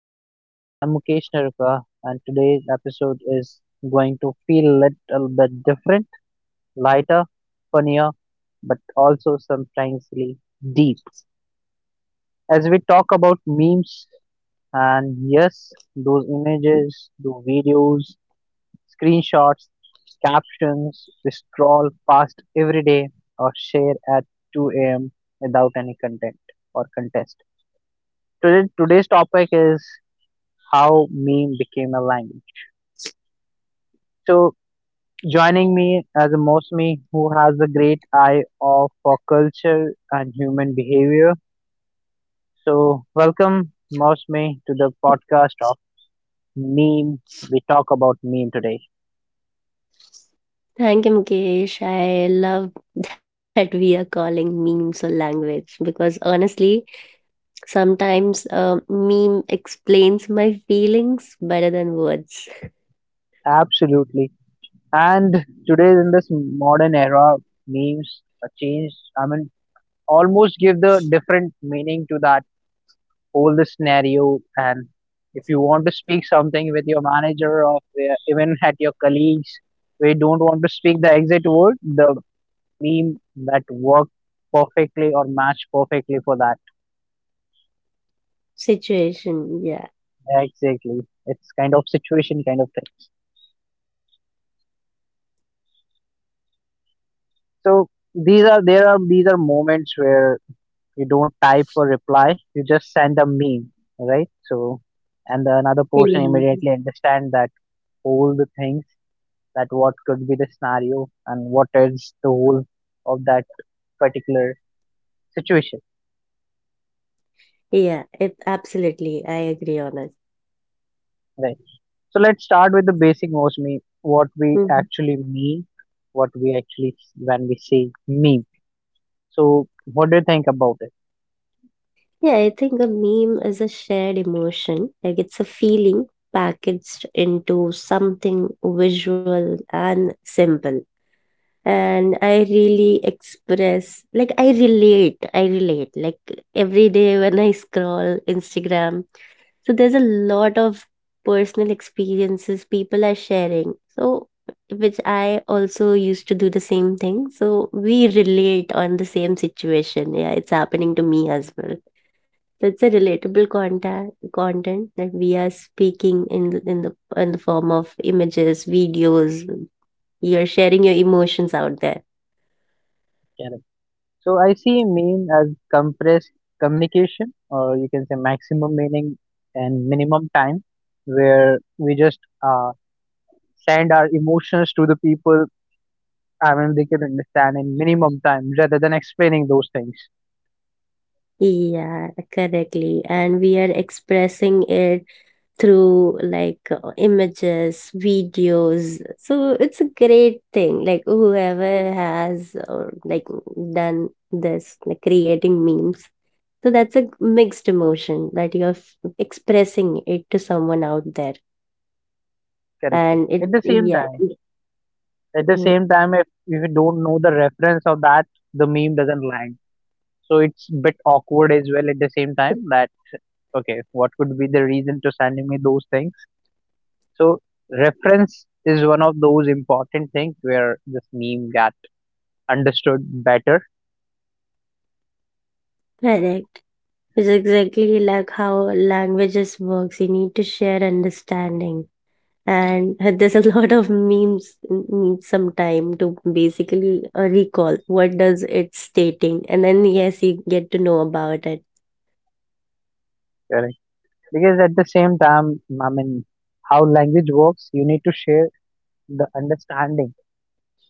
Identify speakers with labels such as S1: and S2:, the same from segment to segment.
S1: Podcast. I'm Mukesh Naraka, and today's episode is going to feel a little bit different, lighter, funnier, but also sometimes really deep. As we talk about memes, and yes, those images, those videos, screenshots, captions we scroll past every day or share at 2 a.m. without any content or contest. Today's topic is how meme became a language. So joining me as a Mosmi who has a great eye of for culture and human behavior. So welcome Mosmi to the podcast of meme. We talk about meme today.
S2: Thank you, Mukesh. I love that we calling memes a language because honestly, sometimes a meme explains my feelings better than words.
S1: Absolutely. And today in this modern era, memes are changed. I mean, almost give the different meaning to that all the scenario, and if you want to speak something with your manager or even at your colleagues, we don't want to speak the exact word, the meme that worked perfectly or matched perfectly for that,
S2: Situation, yeah.
S1: exactly. It's kind of situation, kind of thing. So these are moments where you don't type a reply, you just send a meme, right? So and the another person
S2: Feelings.
S1: immediately understand that all the things, that what could be the scenario and what is the whole of that particular situation,
S2: Yeah, it absolutely. I agree on it.
S1: right? So let's start with the basic. Mostly, what we
S2: Mhm.
S1: actually mean, what we actually when we say meme, so what do you think about it,
S2: Yeah, I think a meme is a shared emotion. Like it's a feeling packaged into something visual and simple. And I really express like I relate like every day when I scroll Instagram. So there's a lot of personal experiences people are sharing. So which I also used to do the same thing. So we relate on the same situation. Yeah, it's happening to me as well. So it's a relatable contact content that we are speaking in the form of images, videos. You're sharing your emotions out there.
S1: Karen? So I see meme as compressed communication, or you can say maximum meaning and minimum time, where we just uh, send our emotions to the people. I mean, they can understand in minimum time rather than explaining those things.
S2: Yeah, correctly. And we are expressing it through like images, videos. So it's a great thing. Like whoever has or like done this, like creating memes. So that's a mixed emotion that you're expressing it to someone out there.
S1: Correct, correct. At the same
S2: Yeah,
S1: time, at the
S2: mm,
S1: same time, if you don't know the reference of that, the meme doesn't land. So it's bit awkward as well. At the same time, that okay, what could be the reason to sending me those things? So reference is one of those important things where this meme got understood better.
S2: correct. It's exactly like how languages works. You need to share understanding. And there's a lot of memes need some time to basically recall what does it stating, and then yes, you get to know about it.
S1: Correct. Because at the same time, I mean, how language works, you need to share the understanding,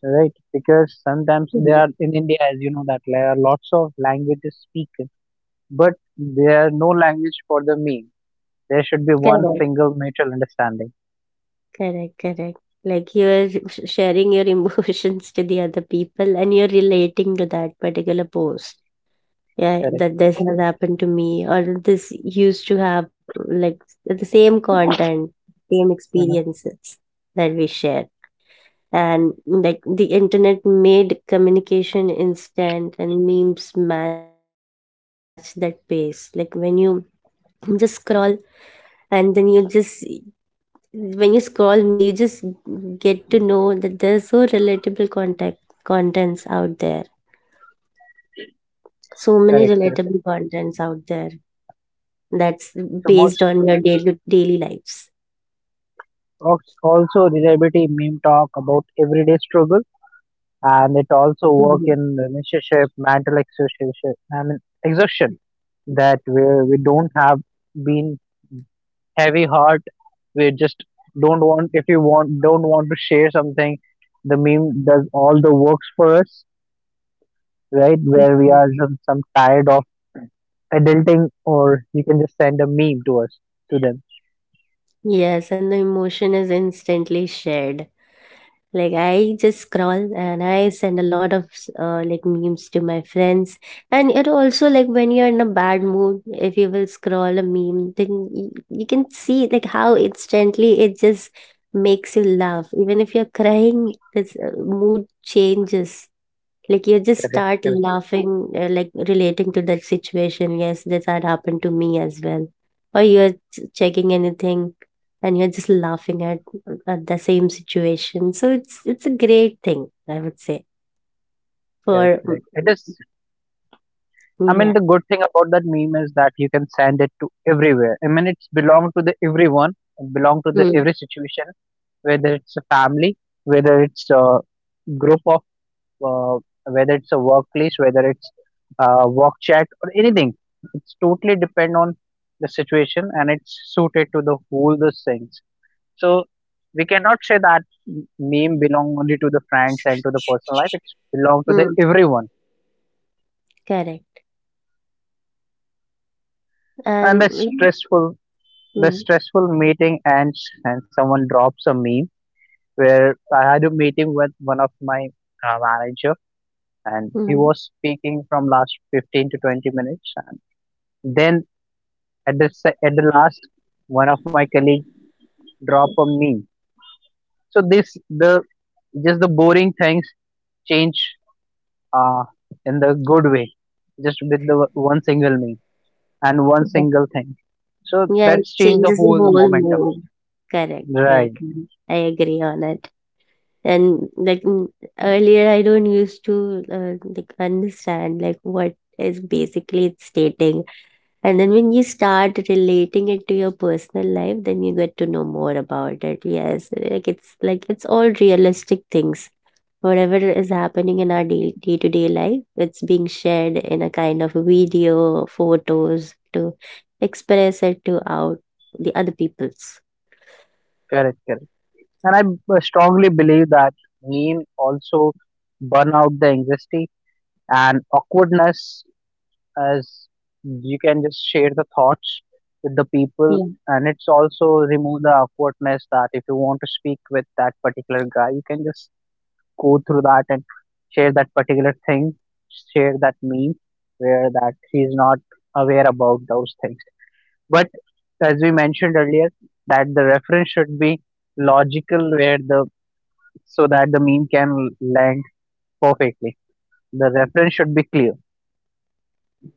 S1: right? Because sometimes there
S2: Mhm.
S1: are in India, as you know, that there are lots of languages spoken, but there are no language for the meme. There should be one
S2: Correct.
S1: single mutual understanding.
S2: Correct, correct, like you're sharing your emotions to the other people, and you're relating to that particular post. Yeah,
S1: Correct.
S2: that this has happened to me, or this used to have, like the same content, same
S1: Hmm.
S2: experiences that we share. And like the internet made communication instant and memes match that pace. Like when you just scroll, and then you just, when you scroll memes, you just get to know that there's so relatable contact contents out there, so many
S1: Correct, correct.
S2: relatable contents out there. That's
S1: So most
S2: based on your daily lives.
S1: also reliability meme talk about everyday struggle, and it also work
S2: Mhm.
S1: in relationship, mental exhaustion. I mean exhaustion that we don't have been heavy heart, we just don't want, if you want, don't want to share something, the meme does all the works for us, right? Where we
S2: Yeah.
S1: are some tired of adulting, or you can just send a meme to us, to them.
S2: Yes, and the emotion is instantly shared. Like I just scroll and I send a lot of like memes to my friends. And it also, like, when you're in a bad mood, if you will scroll a meme, then you can see like how instantly it just makes you laugh. Even if you're crying, this mood changes. Like you just
S1: Correct,
S2: start
S1: correct,
S2: laughing, like relating to that situation. Yes, this had happened to me as well. Or you're checking anything, and you're just laughing at the same situation. So it's a great thing, I would say.
S1: correct,
S2: For
S1: correct, it is. I mean
S2: yeah,
S1: the good thing about that meme is that you can send it to everywhere. I mean it's belong to the everyone. It belong to the
S2: mm,
S1: every situation, whether it's a family, whether it's a group of, uh, whether it's a workplace, whether it's work chat or anything. It's totally depend on the situation, and it's suited to the whole the things. So we cannot say that meme belong only to the friends and to the personal life. It's belong to the
S2: mm,
S1: everyone.
S2: correct,
S1: And
S2: and
S1: the
S2: we,
S1: stressful, the
S2: mm,
S1: stressful meeting ends and someone drops a meme. Where I had a meeting with one of my manager, and he
S2: mm,
S1: was speaking from last 15 to 20 minutes, and then at the last, one of my colleague drop a meme. So this, the just the boring things change uh in the good way, just with the one single meme and one
S2: yeah.
S1: single thing. So
S2: Yeah, it
S1: that's changed the
S2: changes the
S1: whole
S2: whole
S1: momentum,
S2: mood. Correct,
S1: right?
S2: correct. Mhm. I agree on it. And like earlier, I don't used to like understand like what is basically it's stating. And then when you start relating it to your personal life, then you get to know more about it. Yes, like it's all realistic things. Whatever is happening in our day-to-day life, it's being shared in a kind of video, photos, to express it to out the other people's.
S1: Correct, correct, and I strongly believe that meme also burn out the anxiety and awkwardness, as you can just share the thoughts with the people.
S2: Yeah,
S1: And it's also remove the awkwardness, that if you want to speak with that particular guy, you can just go through that and share that particular thing, share that meme where that he's not aware about those things. But as we mentioned earlier, that the reference should be logical where the, so that the meme can land perfectly, the reference should be clear.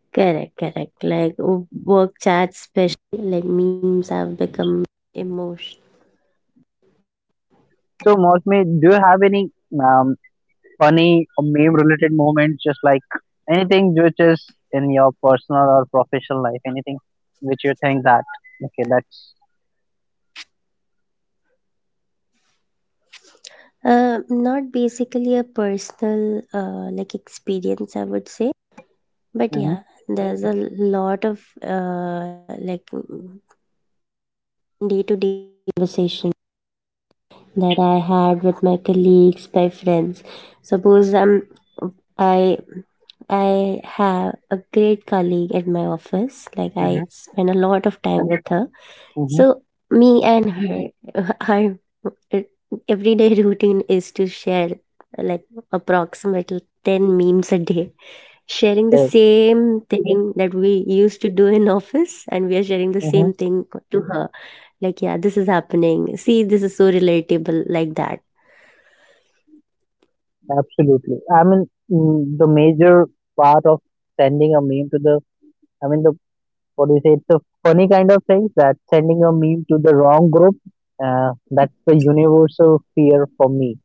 S2: correct, correct, like work chats
S1: So mostly, do you have any um, funny or meme related moments, just like anything which is in your personal or professional life, anything which you think that okay, that's Mm-hmm,
S2: that I had with my colleagues, my friends. Suppose I I have a great colleague at my office. Like I
S1: mm-hmm,
S2: spend a lot of time with her.
S1: mm-hmm,
S2: So me and her, our everyday routine is to share like approximately 10 memes a day,
S1: correct.
S2: sharing the same we used to do in office, and we are sharing the same
S1: Mm-hmm.
S2: thing to her, like, yeah, this is happening. See, this is so relatable, like that.
S1: Absolutely. I mean, the major part of sending a meme to the, I mean, the, what do you say? It's a funny kind of thing, that sending a meme to the wrong group. That's the universal fear for me.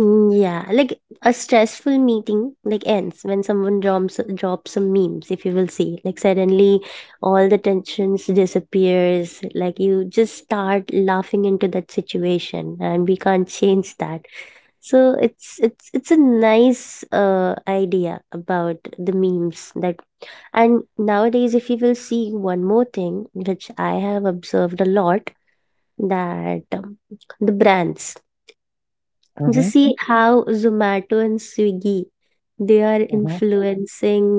S2: Mm, yeah, like a stressful meeting like ends when someone drops some memes. If you will see, like suddenly all the tensions disappears. Like you just start laughing into that situation, and we can't change that. So it's a nice idea about the memes, that, and nowadays, if you will see one more thing, which I have observed a lot, that the brands.
S1: Mm-hmm,
S2: Just see how Zomato and Swiggy, they are
S1: mm-hmm,
S2: influencing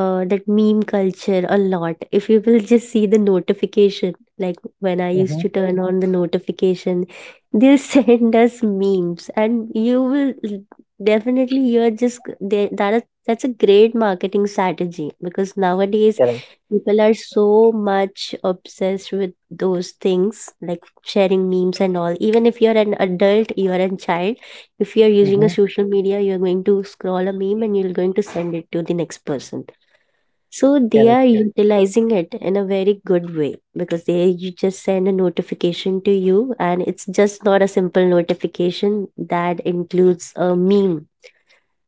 S2: that meme culture a lot. If you will just see the notification, like when I used
S1: mm-hmm,
S2: to turn on the notification, they send us memes, and you will definitely, you're just g- they, that is that's a great marketing strategy, because nowadays
S1: correct.
S2: people are so much obsessed with those things, like sharing memes and all. Even if you're an adult, you're a child, if you're using a
S1: Mm-hmm.
S2: social media, you're going to scroll a meme, and you're going to send it to the next person. So they
S1: Correct,
S2: are
S1: correct.
S2: utilizing it in a very good way, because they you just send a notification to you, and it's just not a simple notification, that includes a meme.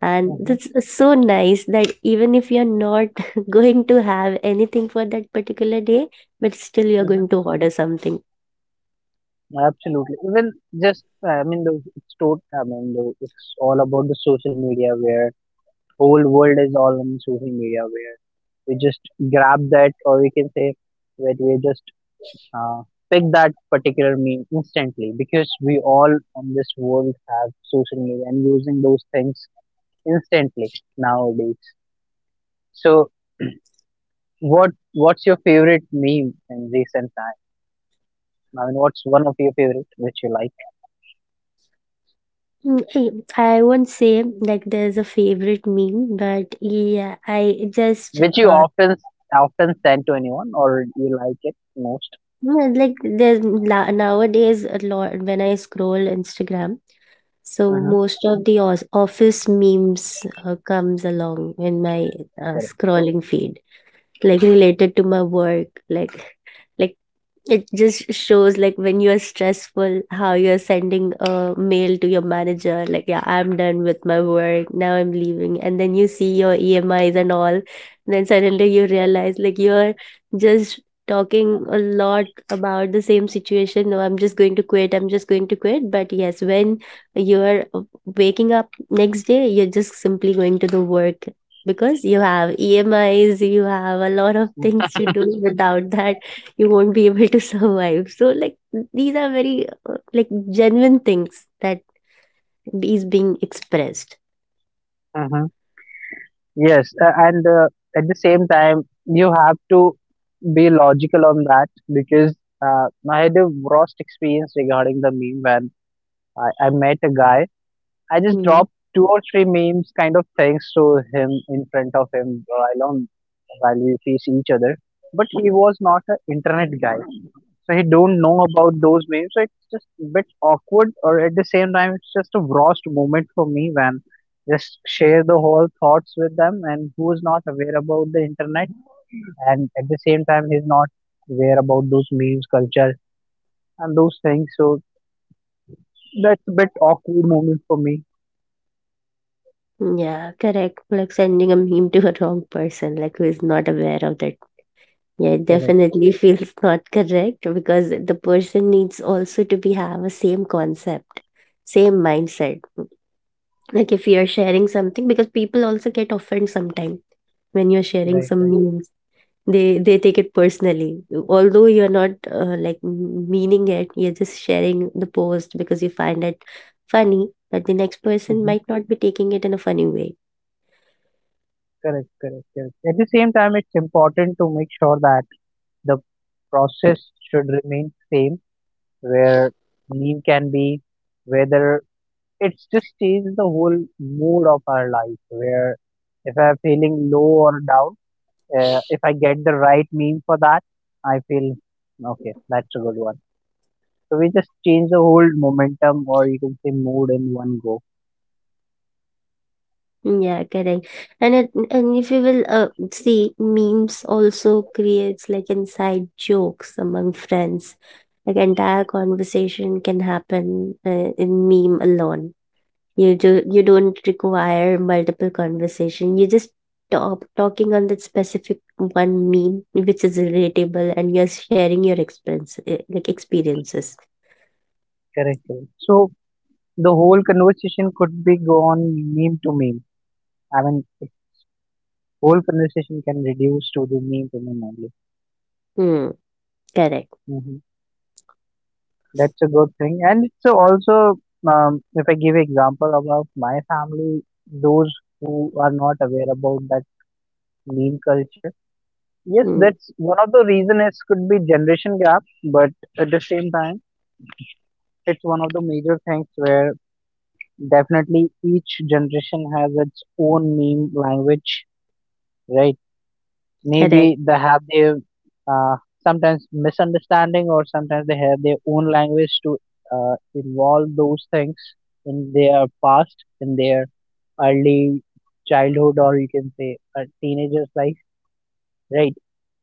S2: And
S1: Mm-hmm.
S2: that's so nice that even if you're not going to have anything for that particular day, but still you're going to order something.
S1: Absolutely. Even just, I mean, the, it's tot I mean, the, it's all about the social media, where whole world is all on social media, where we just grab that, or we can say that we just uh, pick that particular meme instantly, because we all on this world have social media and using those things instantly nowadays. So what what's your favorite meme in recent times? I mean, what's one of your favorite which you like?
S2: Mm, I won't say like there's a favorite meme, but yeah, I just
S1: Which you often often send to anyone, or you like it most?
S2: well, like there's nowadays a lot when I scroll Instagram. So
S1: Mhm.
S2: most of the office memes comes along in my
S1: Correct.
S2: scrolling feed, like related to my work, like like it just shows like when you are stressful how you're sending a mail to your manager, like, yeah, I'm done with my work, now I'm leaving, and then you see your emis and all. Then suddenly you realize like you're just talking a lot about the same situation. No, I'm just going to quit, I'm just going to quit. But yes, when you're waking up next day, you're just simply going to the work, because you have emis, you have a lot of things to do, without that you won't be able to survive. So like these are very like genuine things that is being expressed.
S1: Mhm. Yes, and at the same time, you have to be logical on that, because I had a worst experience regarding the meme, when I met a guy, I just
S2: Mm.
S1: dropped two or three memes kind of things to him, in front of him. While we face each other. But he was not an internet guy, so he don't know about those memes. So it's just a bit awkward, or at the same time, it's just a lost moment for me, when just share the whole thoughts with them, and who is not aware about the internet, and at the same time he's not aware about those memes culture and those things, so that's a bit awkward moment for me,
S2: Yeah, correct, like sending a meme to a wrong person, like who is not aware of that. Yeah, it
S1: correct,
S2: definitely feels not correct, because the person needs also to be have a same concept, same mindset. Like if you're sharing something, because people also get offended sometimes when you're sharing
S1: right,
S2: some
S1: right.
S2: memes. They take it personally, although you're not, like, m meaning it. You're just sharing the post because you find it funny, but the next person
S1: Mm-hmm.
S2: might not be taking it in a funny way.
S1: Correct, correct, correct. At the same time, it's important to make sure that the process should remain same, where leave can be, whether it's just change the whole mood of our life. Where if I'm feeling low or down, if I get the right meme for that, I feel okay. That's a good one. So we just change the whole momentum, or you can say mood, in one go.
S2: Yeah, correct. And if you will, see, memes also creates, like, inside jokes among friends. Like, entire conversation can happen, in meme alone. You don't require multiple conversation. You just stop talking on that specific one meme which is relatable, and you're sharing your experience, like experiences.
S1: Correct, correct. So the whole conversation could be gone, meme to meme. I mean, whole conversation can reduce to the meme problem only.
S2: Hmm. Correct.
S1: Hmm. That's a good thing, and it's also if I give example about my family, those who are not aware about that meme culture. Yes,
S2: Hmm.
S1: that's one of the reason. It could be generation gap, but at the same time, it's one of the major things where definitely each generation has its own meme language, right?
S2: Correct.
S1: Maybe they have their uh, sometimes misunderstanding, or sometimes they have their own language to involve those things in their past, in their early childhood, or you can say a teenager's life, right?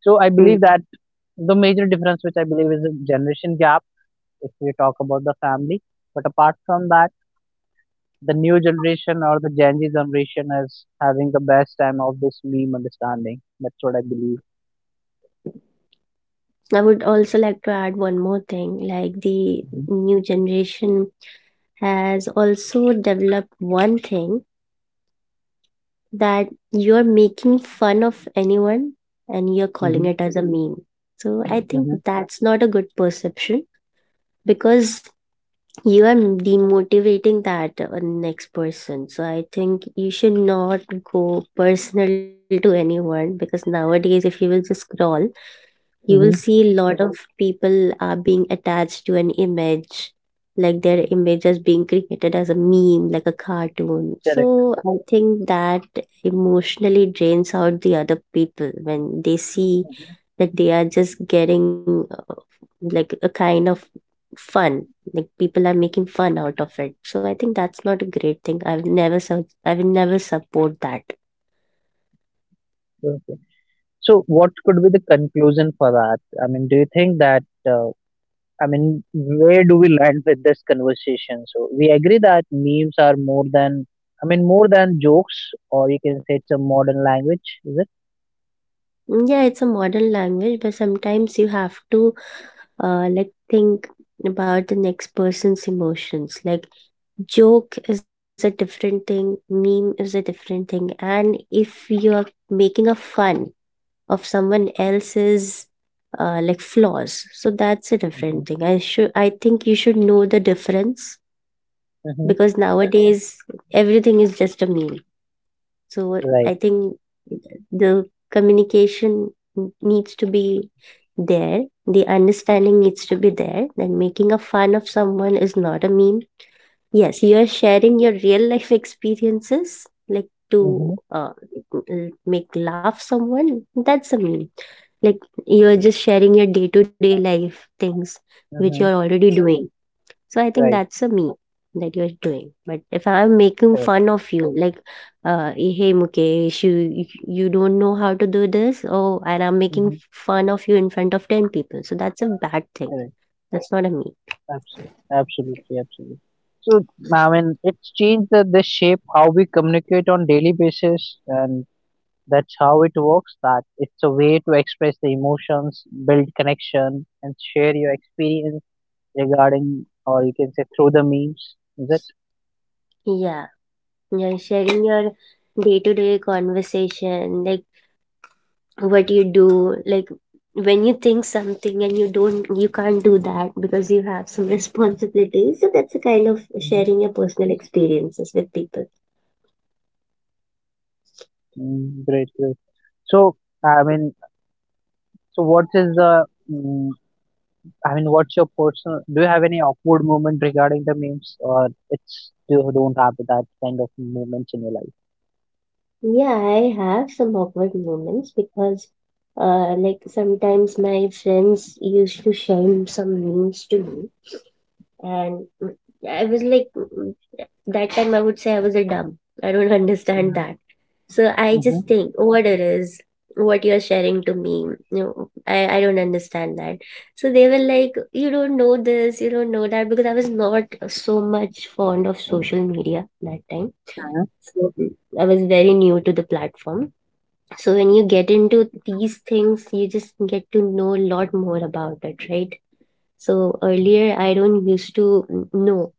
S1: So I
S2: Hmm.
S1: believe that the major difference which I believe is a generation gap if we talk about the family, but apart from that, the new generation or the gen z generation is having the best time of this meme understanding, that's what I believe.
S2: I would also like to add one more thing. Like the
S1: Hmm.
S2: new generation has also developed one thing, that you're making fun of anyone and you're calling it as a meme. So I think
S1: Hmm.
S2: that's not a good perception, because you are demotivating that next person. So I think you should not go personal to anyone, because nowadays if you will just scroll, you will see
S1: Mhm.
S2: a lot of people are being attached to an image, like their image is being created as a meme, like a cartoon.
S1: Correct.
S2: So I think that emotionally drains out the other people, when they see that they are just getting like a kind of fun, like people are making fun out of it. So I think that's not a great thing. I will never I will never support that.
S1: Okay. So, what could be the conclusion for that? I mean, do you think that, uh, I mean, where do we land with this conversation? So, we agree that memes are more than, I mean, more than jokes, or you can say it's a modern language, is it?
S2: Mm, yeah, it's a modern language, but sometimes you have to like think about the next person's emotions. Like joke is a different thing, meme is a different thing, and if you are making a fun of someone else's like flaws, so that's a
S1: Mm-hmm.
S2: different thing. I think you should know the difference.
S1: Mm-hmm.
S2: Because nowadays everything is just a meme. So what I
S1: Right.
S2: think, the communication needs to be there, the understanding needs to be there, that making a fun of someone is not a meme. Yes, you are sharing your real life experiences, like to
S1: Mm-hmm.
S2: make laugh someone, that's a meme. Like you're just sharing your day to day life things which you're
S1: Mm-hmm.
S2: already doing. So I think
S1: Right.
S2: that's a me that you're doing. But if I'm making
S1: Correct.
S2: fun of you, like, hey Mukesh, you don't know how to do this, oh, and I'm making
S1: Mm-hmm.
S2: fun of you in front of 10 people. So that's a bad thing.
S1: Correct.
S2: That's not a me.
S1: Abs- Absolutely. Absolutely. So, I mean, it's changed the shape how we communicate on daily basis. And that's how it works. That it's a way to express the emotions, build connection, and share your experience regarding, or you can say through the memes. Is it?
S2: Yeah, you're sharing your day-to-day conversation, like what you do, like when you think something and you don't, you can't do that because you have some responsibilities. So that's a kind of
S1: Hmm.
S2: sharing your personal experiences with people.
S1: Mm, great, great. So, I mean, so what is the? I mean, what's your personal? Do you have any awkward moment regarding the memes, or it's you don't have that kind of moments in your life?
S2: Yeah, I have some awkward moments because, like sometimes my friends used to send some memes to me, and I was like that time I would say I was a dumb. I don't understand that. So I
S1: Mm-hmm.
S2: just think what it is, what you're sharing to me. I don't understand that. So they were like, you don't know this, you don't know that, because I was not so much fond of social media that time. So I was very new to the platform. So when you get into these things, you just get to know a lot more about it, right? So earlier, I don't used to know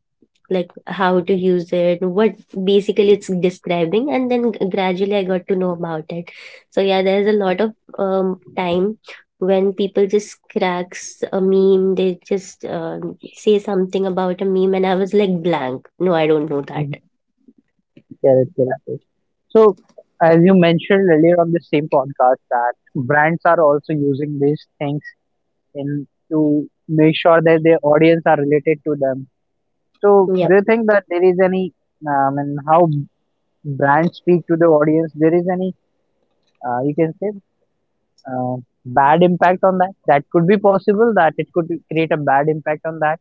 S2: like how to use it, what basically it's describing, and then gradually I got to know about it. So yeah, there's a lot of time when people just cracks a meme, they just say something about a meme and I was like blank, no, I don't know that.
S1: Correct, correct, correct. So, as you mentioned earlier on the same podcast, that brands are also using these things in to make sure that their audience are related to them. So,
S2: Yeah.
S1: do you think that there is any, and how brands speak to the audience? There is any, you can say, uh, bad impact on that? That could be possible. That it could create a bad impact on that.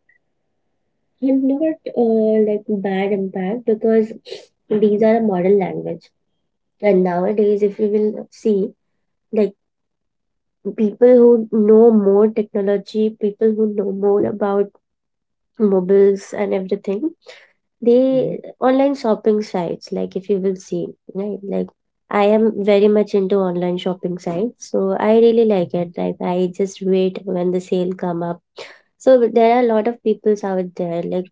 S2: And not like bad impact because these are a modern language. And nowadays if you will see, like people who know more technology, people who know more about mobiles and everything,
S1: Mm-hmm,
S2: they online shopping sites, like if you will see, right, like I am very much into online shopping sites, so I really like
S1: hmm.
S2: it, like I just wait when the sale come up. So there are a lot of peoples out there, like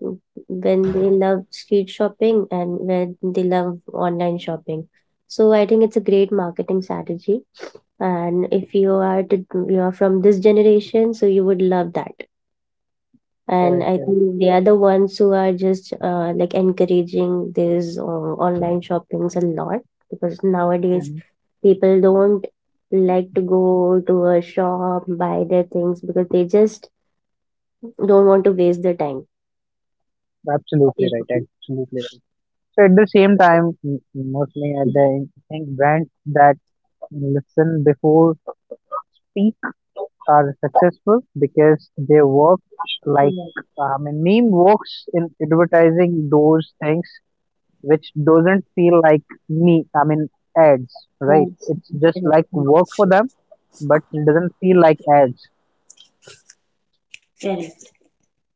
S2: when they love street shopping and when they love online shopping. So I think it's a great marketing strategy. And if you are to you are from this generation, so you would love that. And
S1: Correct,
S2: I
S1: correct.
S2: think they are the ones who are just like encouraging this online shoppings a lot, because nowadays
S1: Hmm.
S2: people don't like to go to a shop buy their things, because they just don't want to waste their time.
S1: Absolutely
S2: Yes.
S1: right. Absolutely right. So at the same time, mostly I think brands that listen before speak are successful, because they work like,
S2: Yes.
S1: I mean, meme works in advertising those things which doesn't feel like me. I mean, ads, right?
S2: Yes.
S1: It's just like
S2: Correct.
S1: work for them, but it doesn't feel like ads.
S2: Correct.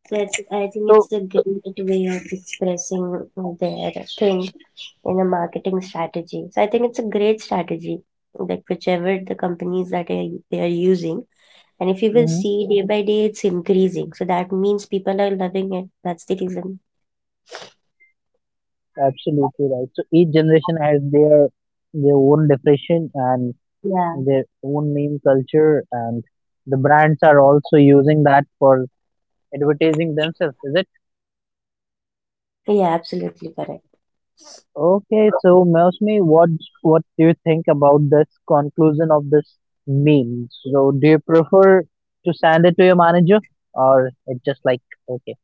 S2: I think it's
S1: So
S2: a great way of expressing their thing in a marketing strategy. So I think it's a great strategy, like whichever the companies that are, they are using. And if you will
S1: mhm,
S2: see day by day, it's increasing. So that means people are loving it. That's the reason.
S1: absolutely right. So each generation has their own definition and
S2: Yeah.
S1: their own meme culture, and the brands are also using that for advertising themselves, is it?
S2: Yeah, absolutely correct.
S1: Okay, so Mosmi, what do you think about this conclusion of this meme? So do you prefer to send it to your manager, or it just like okay,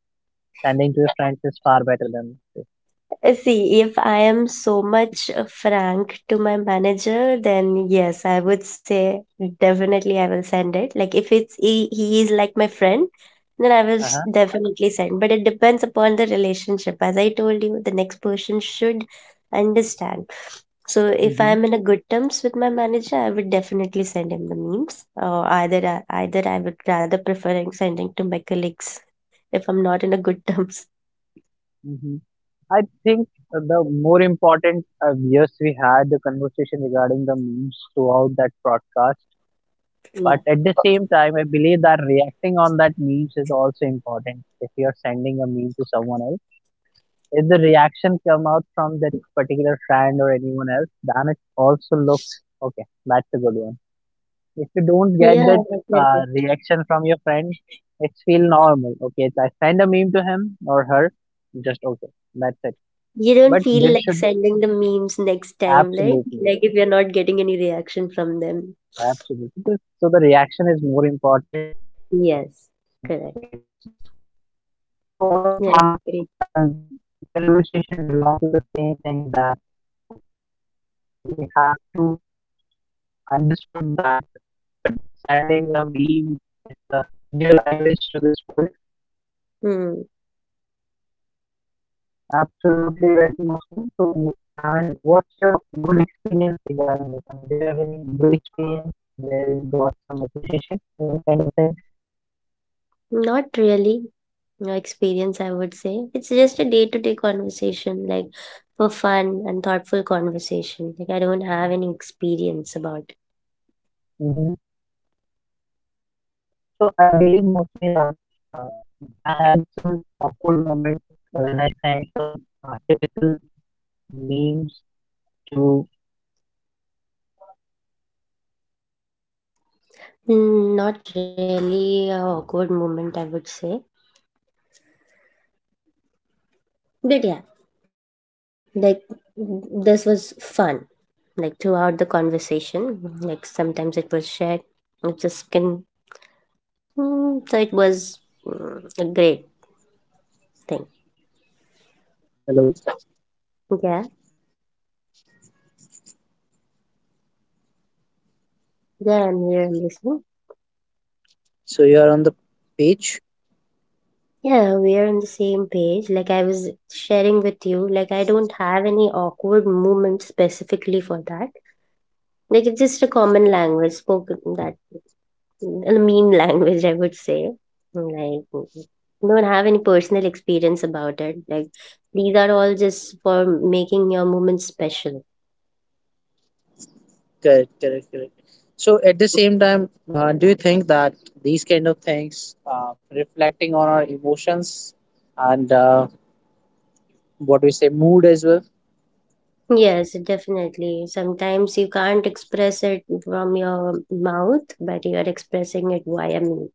S1: sending to your friends is far better than this
S2: See, if I am so much frank to my manager, then yes, I would say definitely I will send it. Like if it's he is like my friend, then I will
S1: uh-huh.
S2: definitely send. But it depends upon the relationship. As I told you, the next person should understand. So if
S1: Hmm.
S2: I'm in a good terms with my manager, I would definitely send him the memes. Or either either I would rather preferring sending to my colleagues if I'm not in a good terms.
S1: Hmm. I think the more important, yes we had the conversation regarding the memes throughout that broadcast.
S2: Yeah.
S1: But at the same time, I believe that reacting on that memes is also important. If you're sending a meme to someone else, if the reaction come out from that particular friend or anyone else, then it also looks okay. That's a good one. If you don't get
S2: Yeah,
S1: that
S2: definitely.
S1: reaction from your friend, it's feel normal. Okay, if I send a meme to him or her, just okay. That's it.
S2: You don't
S1: But
S2: feel
S1: there
S2: like
S1: should
S2: sending the memes next time, right?
S1: absolutely,
S2: Like if you're not getting any reaction from them.
S1: absolutely, so the reaction is more important. Just
S2: Yes,
S1: like sending a
S2: correct.
S1: meme to them. So overall,
S2: Yeah, I
S1: con
S2: agree.
S1: I mean, the conversation belong to the same thing, that we have to understood that. But sending a meme is the new language to this world.
S2: Hmm.
S1: Absolutely right, Mosme. So I mean, what's your good experience regarding this? And do you have any good experience where you got some appreciation, this kind of thing?
S2: Not really. No experience, I would say. It's just a day-to-day conversation, like for fun and thoughtful conversation. Like I don't have any experience about it.
S1: Hmm. So I believe mostly that uh, I had some awkward moments when I sent some typical meme.
S2: Hmm, not really a awkward moment, I would say. But yeah, like this was fun. Like throughout the conversation, like sometimes it was shared, it was spoken, so it was a great thing.
S1: Hello.
S2: Yeah, yeah, I'm here, I'm listening.
S1: So you are on the page?
S2: Yeah, we are on the same page. Like I was sharing with you, like I don't have any awkward moment specifically for that. Like it's just a common language spoken, that a meme language, I would say. Mm, Like, mm, mm. Don't have any personal experience about it. Like, these are all just for making your moment special.
S1: Correct, correct, correct. So at the same time, do you think that these kind of things, reflecting on our emotions and what we say, mood as well?
S2: Yes, definitely. Sometimes you can't express it from your mouth, but you're expressing it via meme.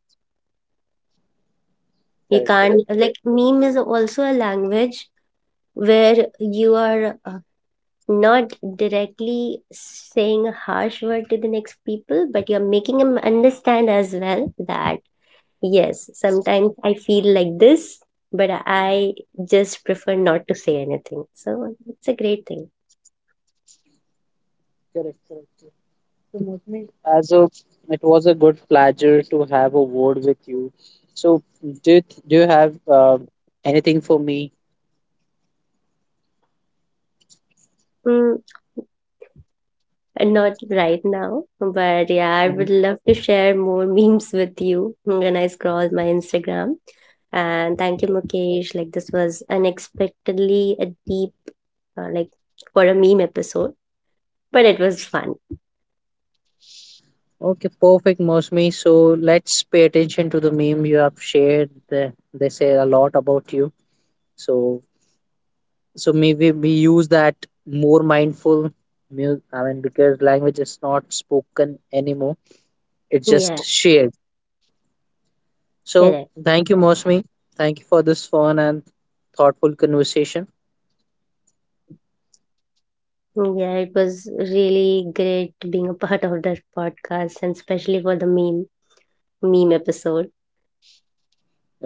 S2: You
S1: Correct,
S2: can't,
S1: correct, correct,
S2: like, meme is also a language where you are not directly saying a harsh word to the next people, but you're making them understand as well that yes, sometimes I feel like this, but I just prefer not to say anything. So it's a great thing.
S1: correct, correct, correct. So Mostly, as a, it was a good pleasure to have a word with you. So do you, do you have anything for me?
S2: Mm, Not right now, but yeah, I would love to share more memes with you when I scroll my Instagram. And thank you, Mukesh. Like this was unexpectedly a deep, like for a meme episode, but it was fun.
S1: Okay, perfect, Mosmi. So let's pay attention to the meme you have shared. They say a lot about you. So so maybe we use that more mindful. I mean, because language is not spoken anymore; it's
S2: Yeah,
S1: just shared. So
S2: correct.
S1: thank you, Mosmi. Thank you for this fun and thoughtful conversation.
S2: Yeah, it was really great being a part of that podcast, and especially for the meme. Meme episode.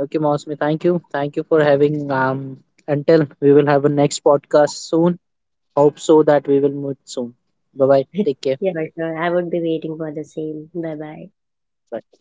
S1: Okay, Mosmi. Thank you. Thank you for having. Until we will have a next podcast soon. Hope so that we will meet soon. Bye bye. Take care.
S2: Yeah, sure. I would be waiting for the same. Bye bye.
S1: Bye.